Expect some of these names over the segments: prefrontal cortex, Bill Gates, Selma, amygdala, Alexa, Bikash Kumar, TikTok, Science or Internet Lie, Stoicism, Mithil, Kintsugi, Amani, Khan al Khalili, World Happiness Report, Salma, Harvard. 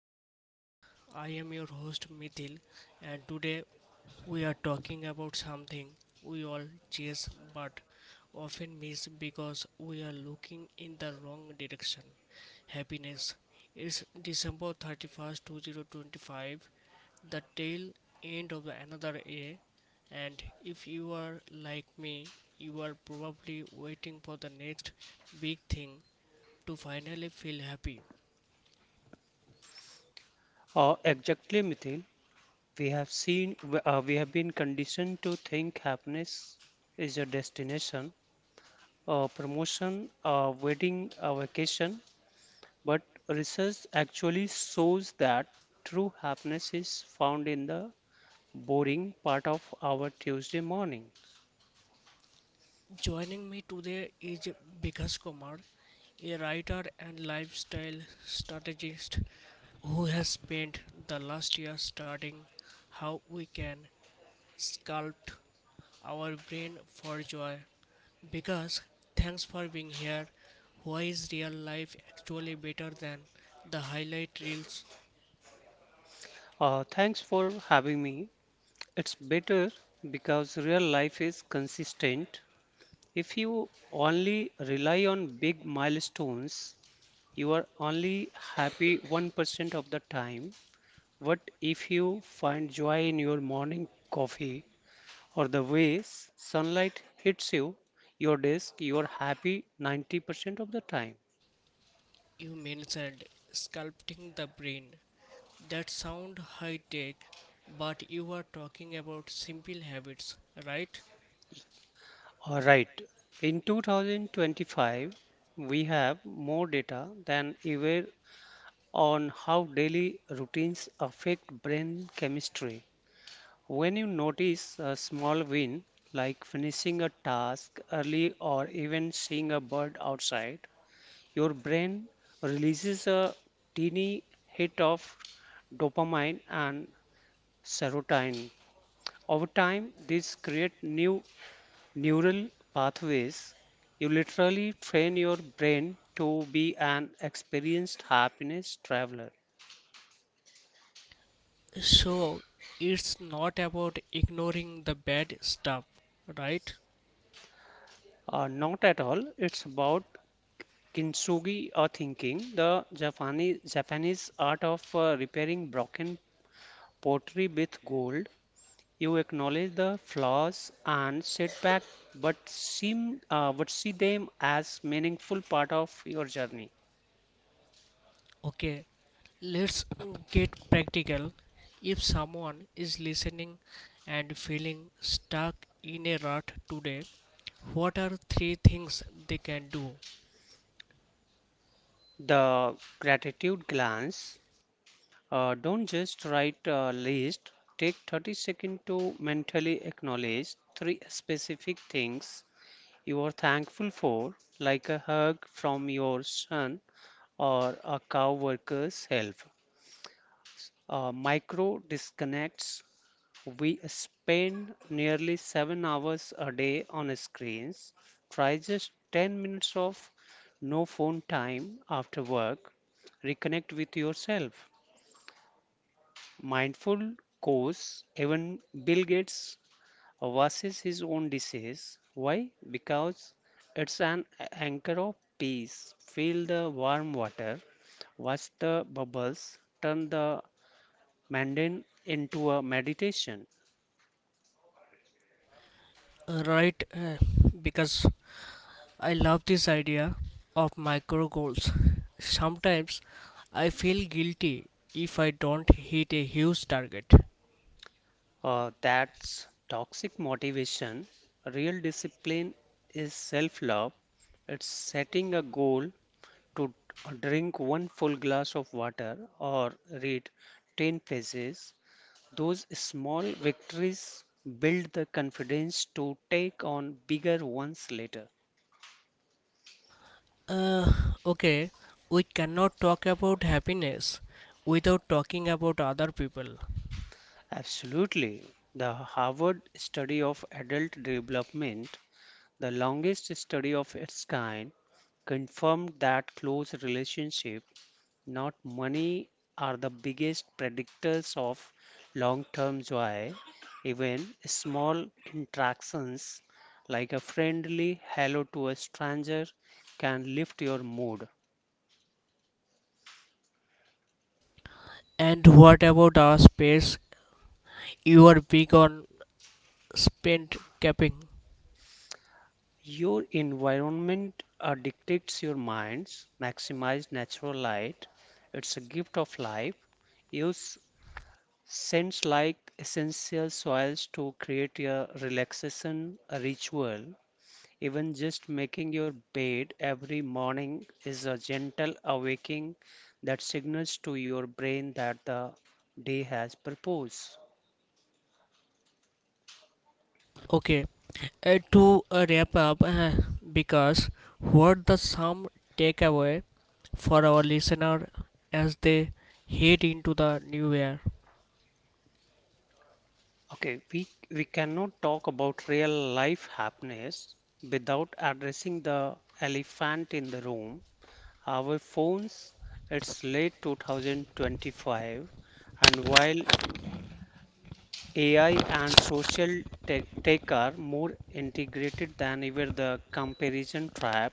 Life Lab. I am your host Mithil, and today we are talking about something we all chase but often miss because we are looking in the wrong direction. Happiness. It's December 31st, 2025, the tail end of the another year, and if you are like me, you are probably waiting for the next big thing to finally feel happy. Exactly, Mithil. We have seen, we have been conditioned to think happiness is a destination, a promotion, a wedding, a vacation. But research actually shows that true happiness is found in the boring part of our Tuesday morning. Joining me today is Bikash Kumar, a writer and lifestyle strategist who has spent the last year studying how we can sculpt our brain for joy. Bikash, thanks for being here. Why is real life actually better than the highlight reels Thanks for having me. It's better because real life is consistent. If you only rely on big milestones, you are only happy 1% of the time. What if you find joy in your morning coffee or the way sunlight hits you, your desk? You are happy 90% of the time. you mentioned, sculpting the brain? That sound high tech, but you are talking about simple habits, right? All right. In 2025, we have more data than ever on how daily routines affect brain chemistry. When you notice a small win, like finishing a task early or even seeing a bird outside, your brain releases a teeny hit of dopamine and serotonin. Over time, these create new neural pathways. You literally train your brain to be an experienced happiness traveler. So it's not about ignoring the bad stuff, right? Not at all, it's about Kintsugi, or thinking the Japanese art of repairing broken pottery with gold. You acknowledge the flaws and setback, but see them as meaningful part of your journey. Okay, let's get practical. If someone is listening and feeling stuck in a rut today, what are three things they can do? The gratitude glance. Don't just write a list. Take 30 seconds to mentally acknowledge three specific things you are thankful for, like a hug from your son or a coworker's help. Micro disconnects. We spend nearly 7 hours a day on screens. Try just 10 minutes of no phone time after work. Reconnect with yourself. Mindful course. Even Bill Gates versus his own disease. Why? Because it's an anchor of peace. Feel the warm water, watch the bubbles, turn the mundane into a meditation. Right, because I love this idea of micro goals. Sometimes I feel guilty if I don't hit a huge target. That's toxic motivation. Real discipline is self love. It's setting a goal to drink one full glass of water or read 10 pages. Those small victories build the confidence to take on bigger ones later. Uh, okay, we cannot talk about happiness without talking about other people. Absolutely. The Harvard study of adult development, the longest study of its kind, confirmed that close relationship, not money, are the biggest predictors of long-term joy. Even small interactions, like a friendly hello to a stranger, can lift your mood. And what about our space? You are big on spend capping. Your environment dictates your minds. Maximize natural light. It's a gift of life. Use scents like essential soils to create a relaxation ritual. Even just making your bed every morning is a gentle awakening that signals to your brain that the day has purpose. Okay, to wrap up, because what the some takeaway for our listener as they head into the new year? Okay, we cannot talk about real life happiness without addressing the elephant in the room. Our phones, it's late 2025, and while AI and social tech are more integrated than ever, the comparison trap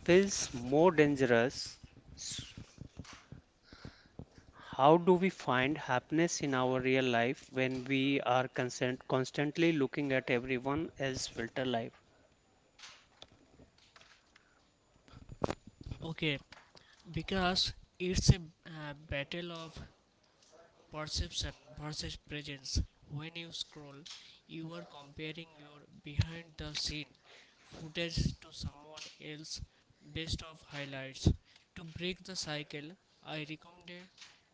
feels more dangerous. S- How do we find happiness in our real life when we are constantly looking at everyone else's filter life? Okay, because it's a battle of perception versus presence. When you scroll, you are comparing your behind the scene footage to someone else best of highlights. To break the cycle, I recommend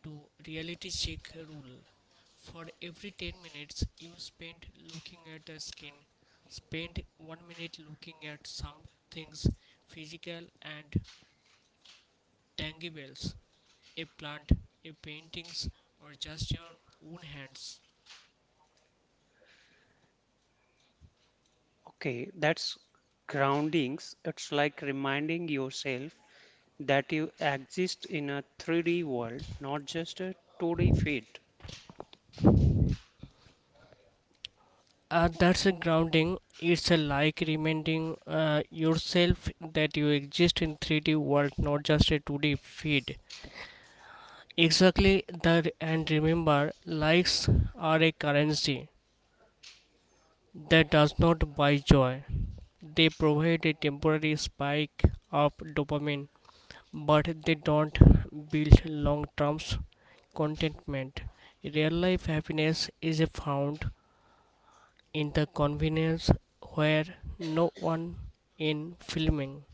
to reality check rule. For every 10 minutes you spend looking at the skin, spend 1 minute looking at some things physical and Tangy bells, a plant, a paintings, or just your own hands. Okay, that's groundings. It's like reminding yourself that you exist in a 3D world, not just a 2D feed. That's a grounding. It's a like reminding yourself that you exist in 3D world, not just a 2D feed. Exactly that, and remember, likes are a currency that does not buy joy. They provide a temporary spike of dopamine, but they don't build long term contentment. Real life happiness is found in the convenience where no one in filming.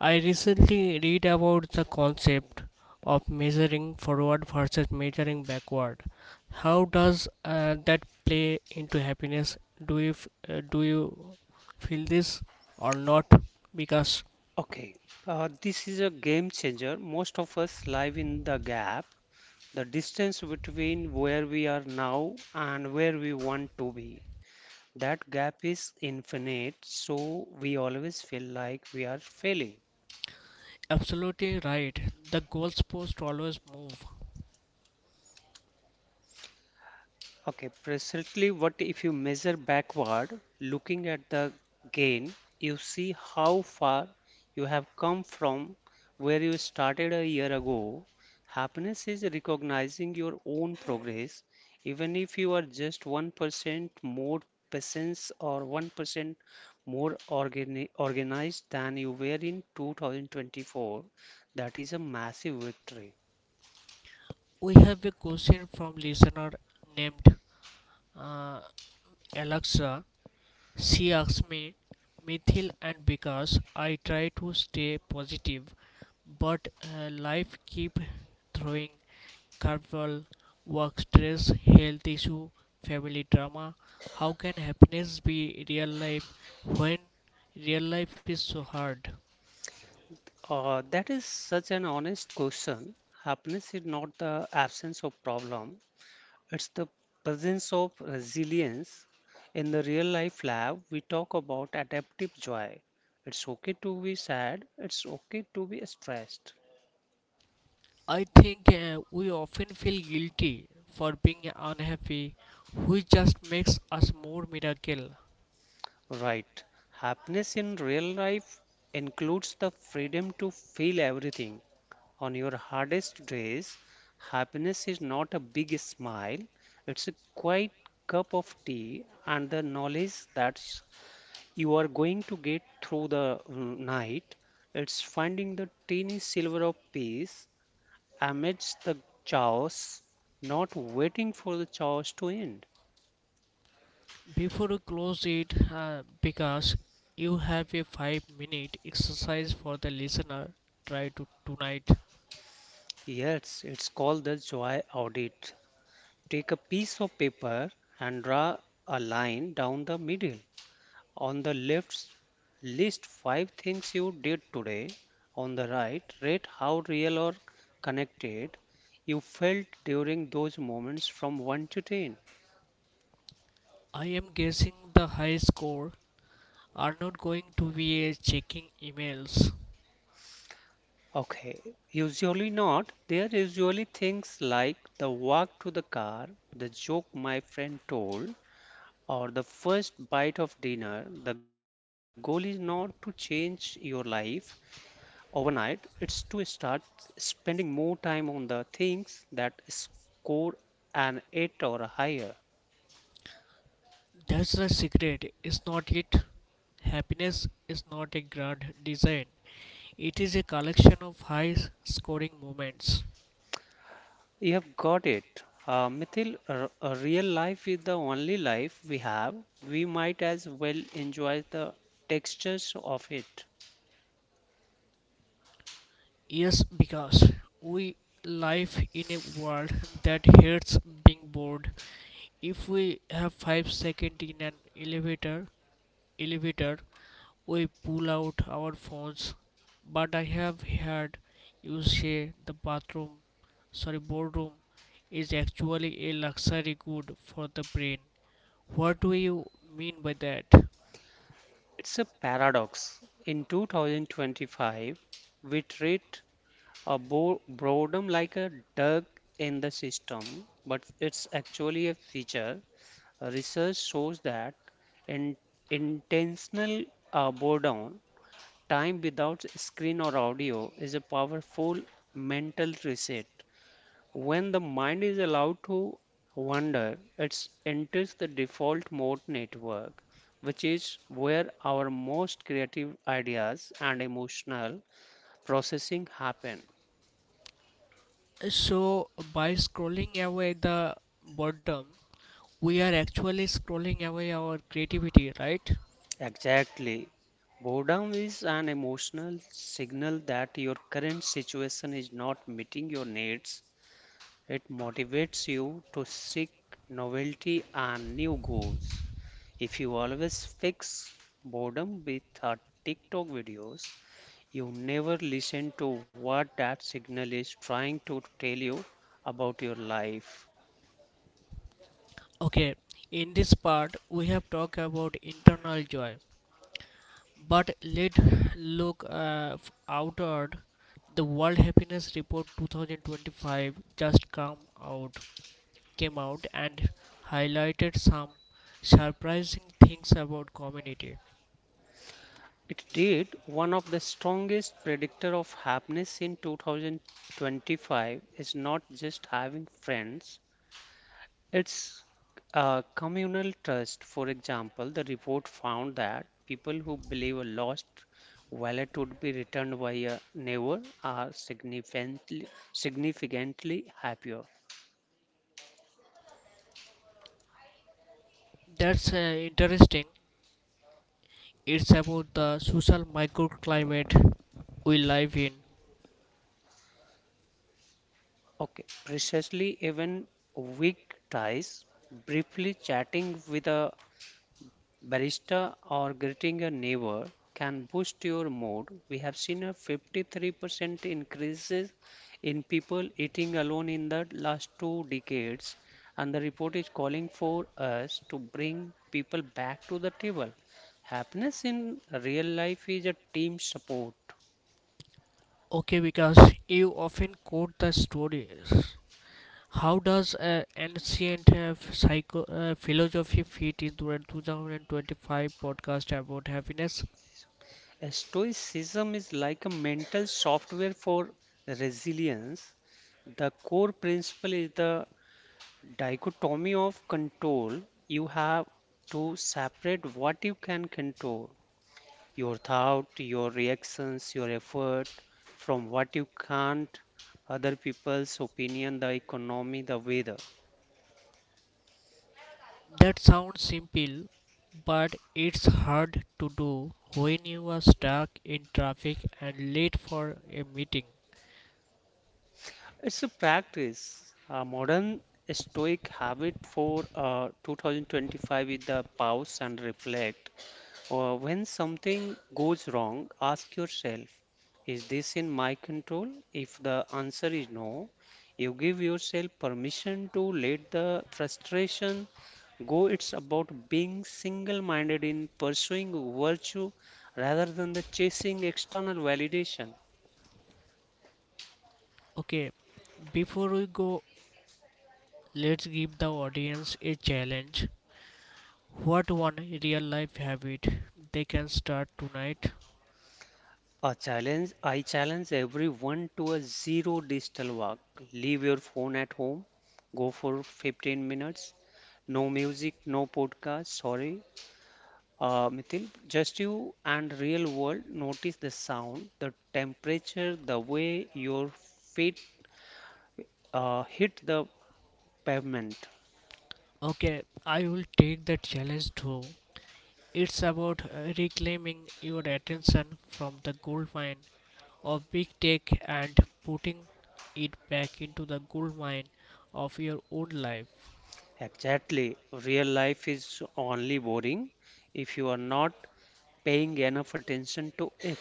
I recently read about the concept of measuring forward versus measuring backward. How does that play into happiness? Do you feel this or not? Because Okay, this is a game changer. Most of us live in the gap, the distance between where we are now and where we want to be. That gap is infinite, so we always feel like we are failing. absolutely right, the goalpost always move. Okay, presently, what if you measure backward, looking at the gain? You see how far you have come from where you started a year ago. Happiness is recognizing your own progress, even if you are just 1% more patient or 1% more organized than you were in 2024. That is a massive victory. We have a question from listener named uh, Alexa. She asked me, Mithil, and because I try to stay positive, but life keep throwing curveball, work stress, health issue, family drama. How can happiness be real life when real life is so hard? That is such an honest question. Happiness is not the absence of problem, it's the presence of resilience. In the real life lab, we talk about adaptive joy. It's okay to be sad, it's okay to be stressed. I think we often feel guilty for being unhappy, which just makes us more miserable. Right. Happiness in real life includes the freedom to feel everything. On your hardest days, happiness is not a big smile, it's a quiet cup of tea and the knowledge that you are going to get through the night. It's finding the teeny silver of peace amidst the chaos, not waiting for the chaos to end. Before you close it, because you have a 5 minute exercise for the listener, try to tonight. Yes, it's called the joy audit. Take a piece of paper and draw a line down the middle. On the left, list five things you did today. On the right, rate how real or connected you felt during those moments from 1 to 10. I am guessing the high score are not going to be a checking emails. Okay, usually not. There are usually things like the walk to the car, the joke my friend told, or the first bite of dinner. The goal is not to change your life overnight, it's to start spending more time on the things that score an 8 or higher. That's the secret, It's not it? Happiness is not a grand design, it is a collection of high scoring moments. You have got it, Mithil. A real life is the only life we have. We might as well enjoy the textures of it. Yes, because we live in a world that hates being bored. If we have 5 seconds in elevator, we pull out our phones. But I have heard you say the bathroom, sorry, boardroom is actually a luxury good for the brain. What do you mean by that? It's a paradox. In 2025 we treat a bo boredom like a dug in the system, but it's actually a feature. Research shows that in intentional boredom, time without screen or audio, is a powerful mental reset. When the mind is allowed to wander, it enters the default mode network, which is where our most creative ideas and emotional processing happen. So, by scrolling away the boredom, we are actually scrolling away our creativity, right? Exactly. Boredom is an emotional signal that your current situation is not meeting your needs. It motivates you to seek novelty and new goals. If you always fix boredom with a TikTok videos, you never listen to what that signal is trying to tell you about your life. Okay, in this part, we have talked about internal joy, but let's look outward. The World Happiness Report 2025 out, came out and highlighted some surprising things about community. It did. One of the strongest predictor of happiness in 2025 is not just having friends, it's communal trust. For example, the report found that people who believe a lost wallet would be returned by a neighbor are significantly happier. That's interesting. It's about the social microclimate we live in. Okay, precisely. Even weak ties, briefly chatting with a barista or greeting a neighbor, can boost your mood. We have seen a 53% increases in people eating alone in the last 2 decades, and the report is calling for us to bring people back to the table. Happiness in real life is a team support. Okay, because you often quote the stories. How does ancient psycho philosophy fit into a 2025 podcast about happiness? Stoicism is like a mental software for resilience. The core principle is the dichotomy of control. You have to separate what you can control, your thought, your reactions, your effort, from what you can't: other people's opinion, the economy, the weather. That sounds simple, but it's hard to do when you are stuck in traffic and late for a meeting. It's a practice. A modern Stoic habit for 2025 is the pause and reflect. Or when something goes wrong, ask yourself, is this in my control? If the answer is no, you give yourself permission to let the frustration go. It's about being single minded in pursuing virtue rather than the chasing external validation. Okay, before we go, let's give the audience a challenge. What one real life habit they can start tonight? A challenge. I challenge everyone to a zero digital walk. Leave your phone at home. Go for 15 minutes. No music, no podcast. Sorry, Mithil. Just you and real world. Notice the sound, the temperature, the way your feet hit the pavement. Okay, I will take that challenge too. It's about reclaiming your attention from the gold mine of big tech and putting it back into the gold mine of your own life. Exactly. Real life is only boring if you are not paying enough attention to it.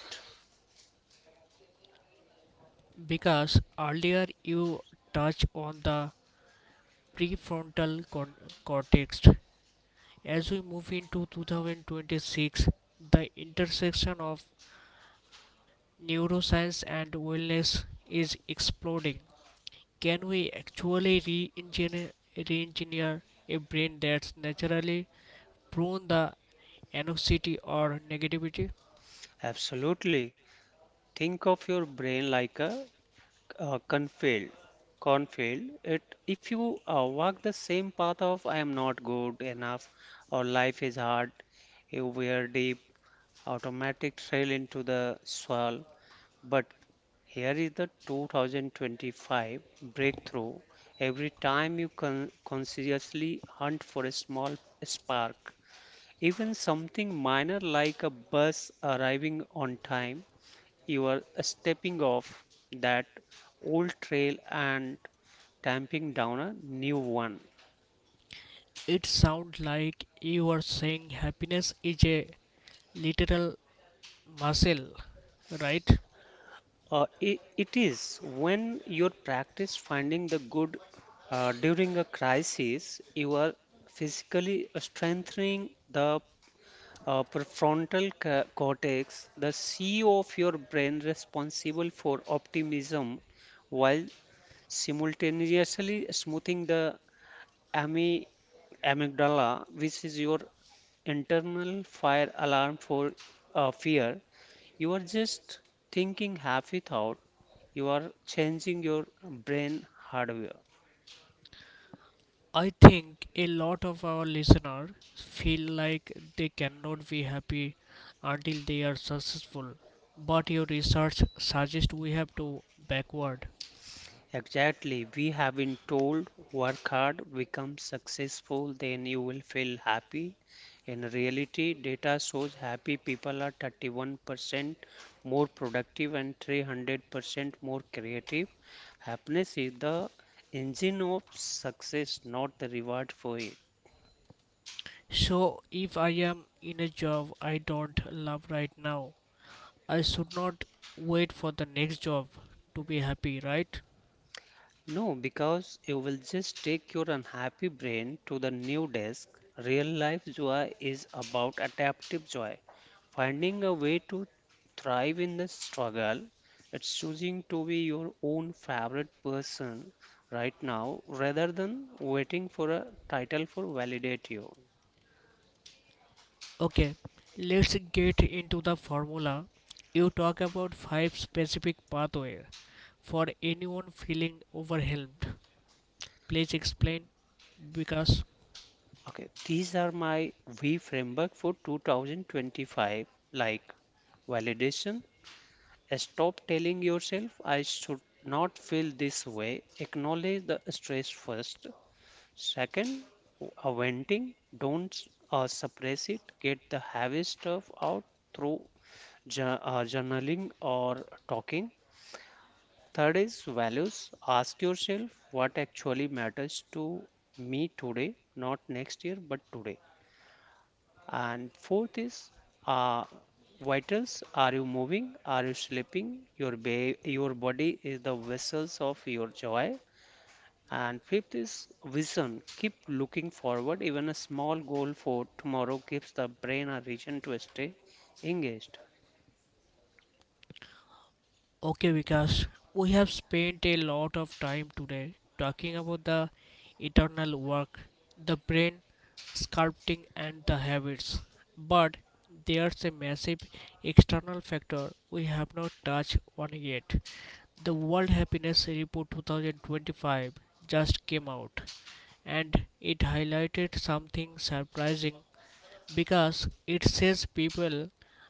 Because earlier you touched on the prefrontal con- cortex. As we move into 2026, the intersection of neuroscience and wellness is exploding. Can we actually re-engineer a brain that's naturally prone to anxiety or negativity? Absolutely. Think of your brain like a, uh cornfield. Cornfield. It If you walk the same path of I am not good enough or life is hard, you wear deep automatic trail into the soil. But here is the 2025 breakthrough. Every time you consciously hunt for a small spark, even something minor like a bus arriving on time, you are stepping off that old trail and tamping down a new one. It sounds like you are saying happiness is a literal muscle, right? I it is. When you practice finding the good during a crisis, you are physically strengthening the prefrontal cortex, the CEO of your brain responsible for optimism, while simultaneously smoothing the Amy amygdala, which is your internal fire alarm for fear. You are just thinking happy thought. You are changing your brain hardware. I think a lot of our listeners feel like they cannot be happy until they are successful. But your research suggests we have to backward. Exactly. We have been told work hard, become successful, then you will feel happy. In reality, data shows happy people are 31% more productive and 300% more creative. Happiness is the engine of success, not the reward for it. So, if I am in a job I don't love right now, I should not wait for the next job to be happy, right? No, because you will just take your unhappy brain to the new desk. Real life joy is about adaptive joy, finding a way to thrive in the struggle. It's choosing to be your own favorite person right now rather than waiting for a title for validate you. Okay, let's get into the formula. You talk about five specific pathways for anyone feeling overwhelmed. Please explain because Okay, these are my V framework for 2025: like validation. Stop telling yourself, I should not feel this way. Acknowledge the stress first. Second, venting. Don't suppress it. Get the heavy stuff out through journaling or talking. Third is values. Ask yourself what actually matters to me today, not next year, but today. And fourth is uh, vitals. Are you moving? Are you sleeping? Your body is the vessels of your joy. And fifth is vision. Keep looking forward. Even a small goal for tomorrow gives the brain a reason to stay engaged. okay, Vikas, we have spent a lot of time today talking about the eternal work, the brain, sculpting, and the habits. But there's a massive external factor we have not touched on yet. The World Happiness Report 2025 just came out and it highlighted something surprising because it says people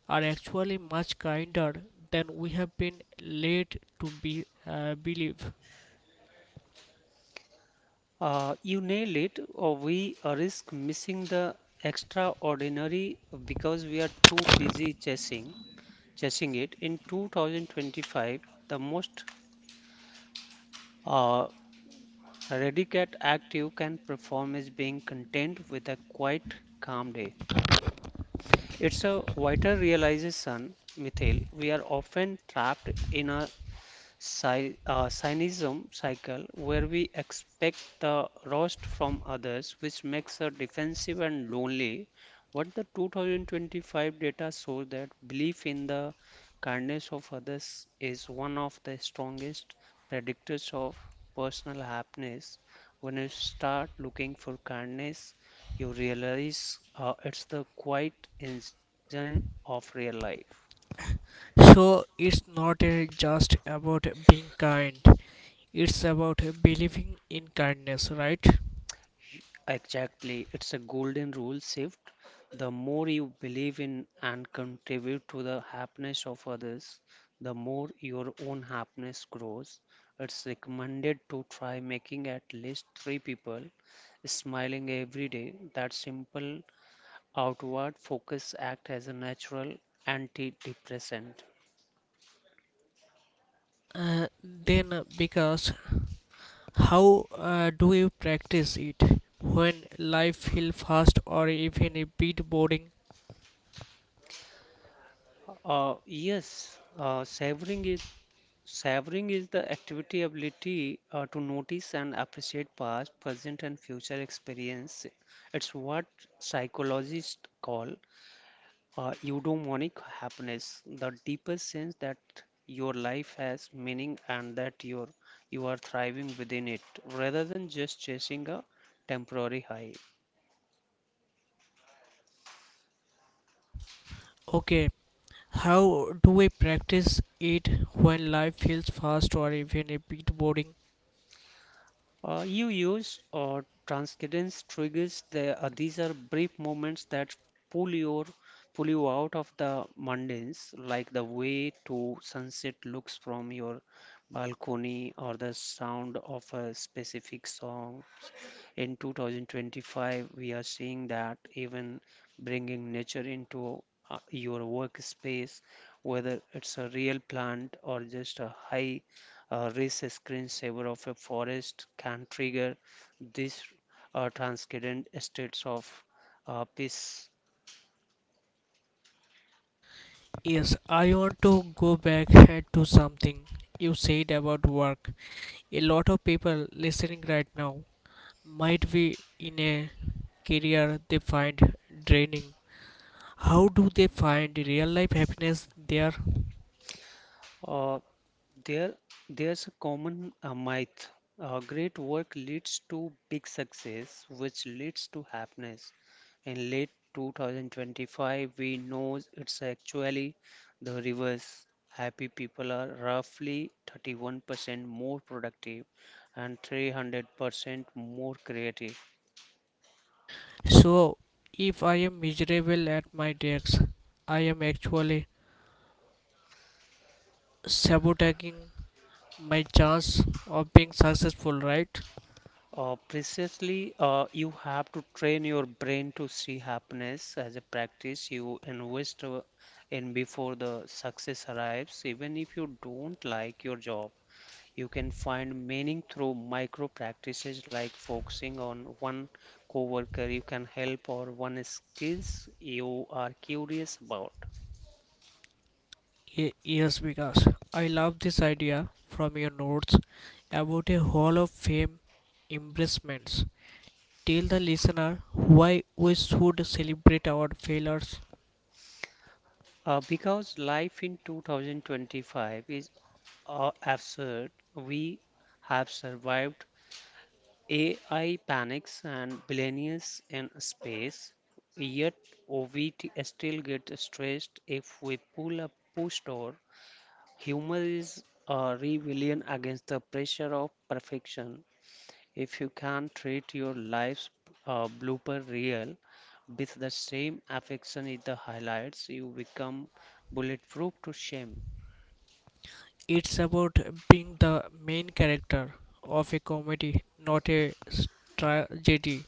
are actually much kinder than we have been led to be believe. You nail it, or we risk missing the extraordinary because we are too busy chasing it. In 2025, the most uh, A ready Redicat active can perform is being content with a quiet, calm day. It's a vital realization, Mithil. We are often trapped in a cynicism cycle where we expect the roast from others, which makes us defensive and lonely. What the 2025 data shows that belief in the kindness of others is one of the strongest predictors of personal happiness. When you start looking for kindness, you realize it's the quiet engine of real life. So it's not just about being kind, it's about believing in kindness, right? Exactly. It's a golden rule shift. The more you believe in and contribute to the happiness of others, the more your own happiness grows. It's recommended to try making at least three people smiling every day. That simple outward focus act as a natural antidepressant. Then Because how do you practice it when life feels fast or even a bit boring? Yes, savoring it. Savoring is the activity ability to notice and appreciate past, present, and future experience. It's what psychologists call eudaimonic happiness, the deepest sense that your life has meaning and that you are thriving within it, rather than just chasing a temporary high. Okay, how do we practice it when life feels fast or even a bit boring? You use or transcendence triggers. These are brief moments that pull your pull you out of the mundanes, like the way to sunset looks from your balcony or the sound of a specific song. In 2025 we are seeing that even bringing nature into your workspace, whether it's a real plant or just a high risk screensaver of a forest, can trigger these transcendent states of peace. Yes, I want to go back head to something you said about work. A lot of people listening right now might be in a career they find draining. How do they find real life happiness there? uh, There, there's a common myth. Great work leads to big success, which leads to happiness. In late 2025, we know it's actually the reverse. Happy people are roughly 31% more productive and 300% more creative. So, if I am miserable at my desk, I am actually sabotaging my chance of being successful, right? Precisely. You have to train your brain to see happiness as a practice you invest in before the success arrives. Even if you don't like your job, you can find meaning through micro practices like focusing on one coworker you can help or one skills you are curious about. Yes, because I love this idea from your notes about a Hall of Fame embracements. Tell the listener why we should celebrate our failures. Because life in 2025 is absurd, we have survived AI panics and billionaires in space, yet OVT still gets stressed if we pull a push door. Humor is a rebellion against the pressure of perfection. If you can treat your life's blooper reel with the same affection it the highlights, you become bulletproof to shame. It's about being the main character of a comedy, not a tragedy.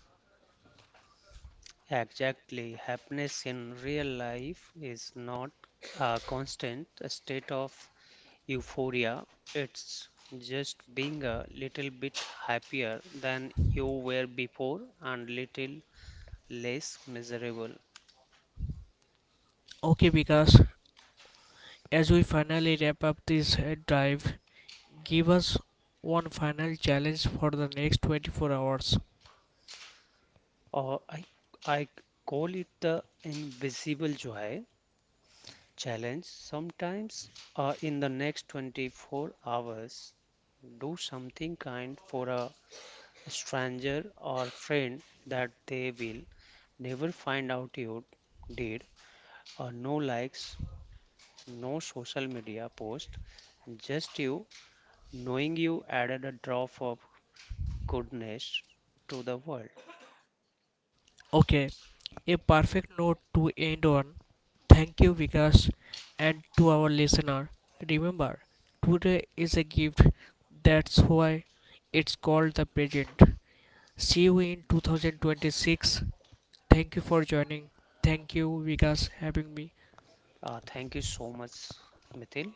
Exactly, happiness in real life is not a constant state of euphoria. It's just being a little bit happier than you were before and little less miserable. Okay, because as we finally wrap up this drive, give us one final challenge for the next 24 hours. Or I call it the invisible joy challenge. Sometimes in the next 24 hours, do something kind for a stranger or friend that they will never find out you did. No likes, no social media post, just you knowing you added a drop of goodness to the world. Okay, a perfect note to end on. Thank you, Vikas, and to our listener. Remember, today is a gift, that's why it's called the present. See you in 2026. Thank you for joining. Thank you, Vikas, having me. Thank you so much, Mithil.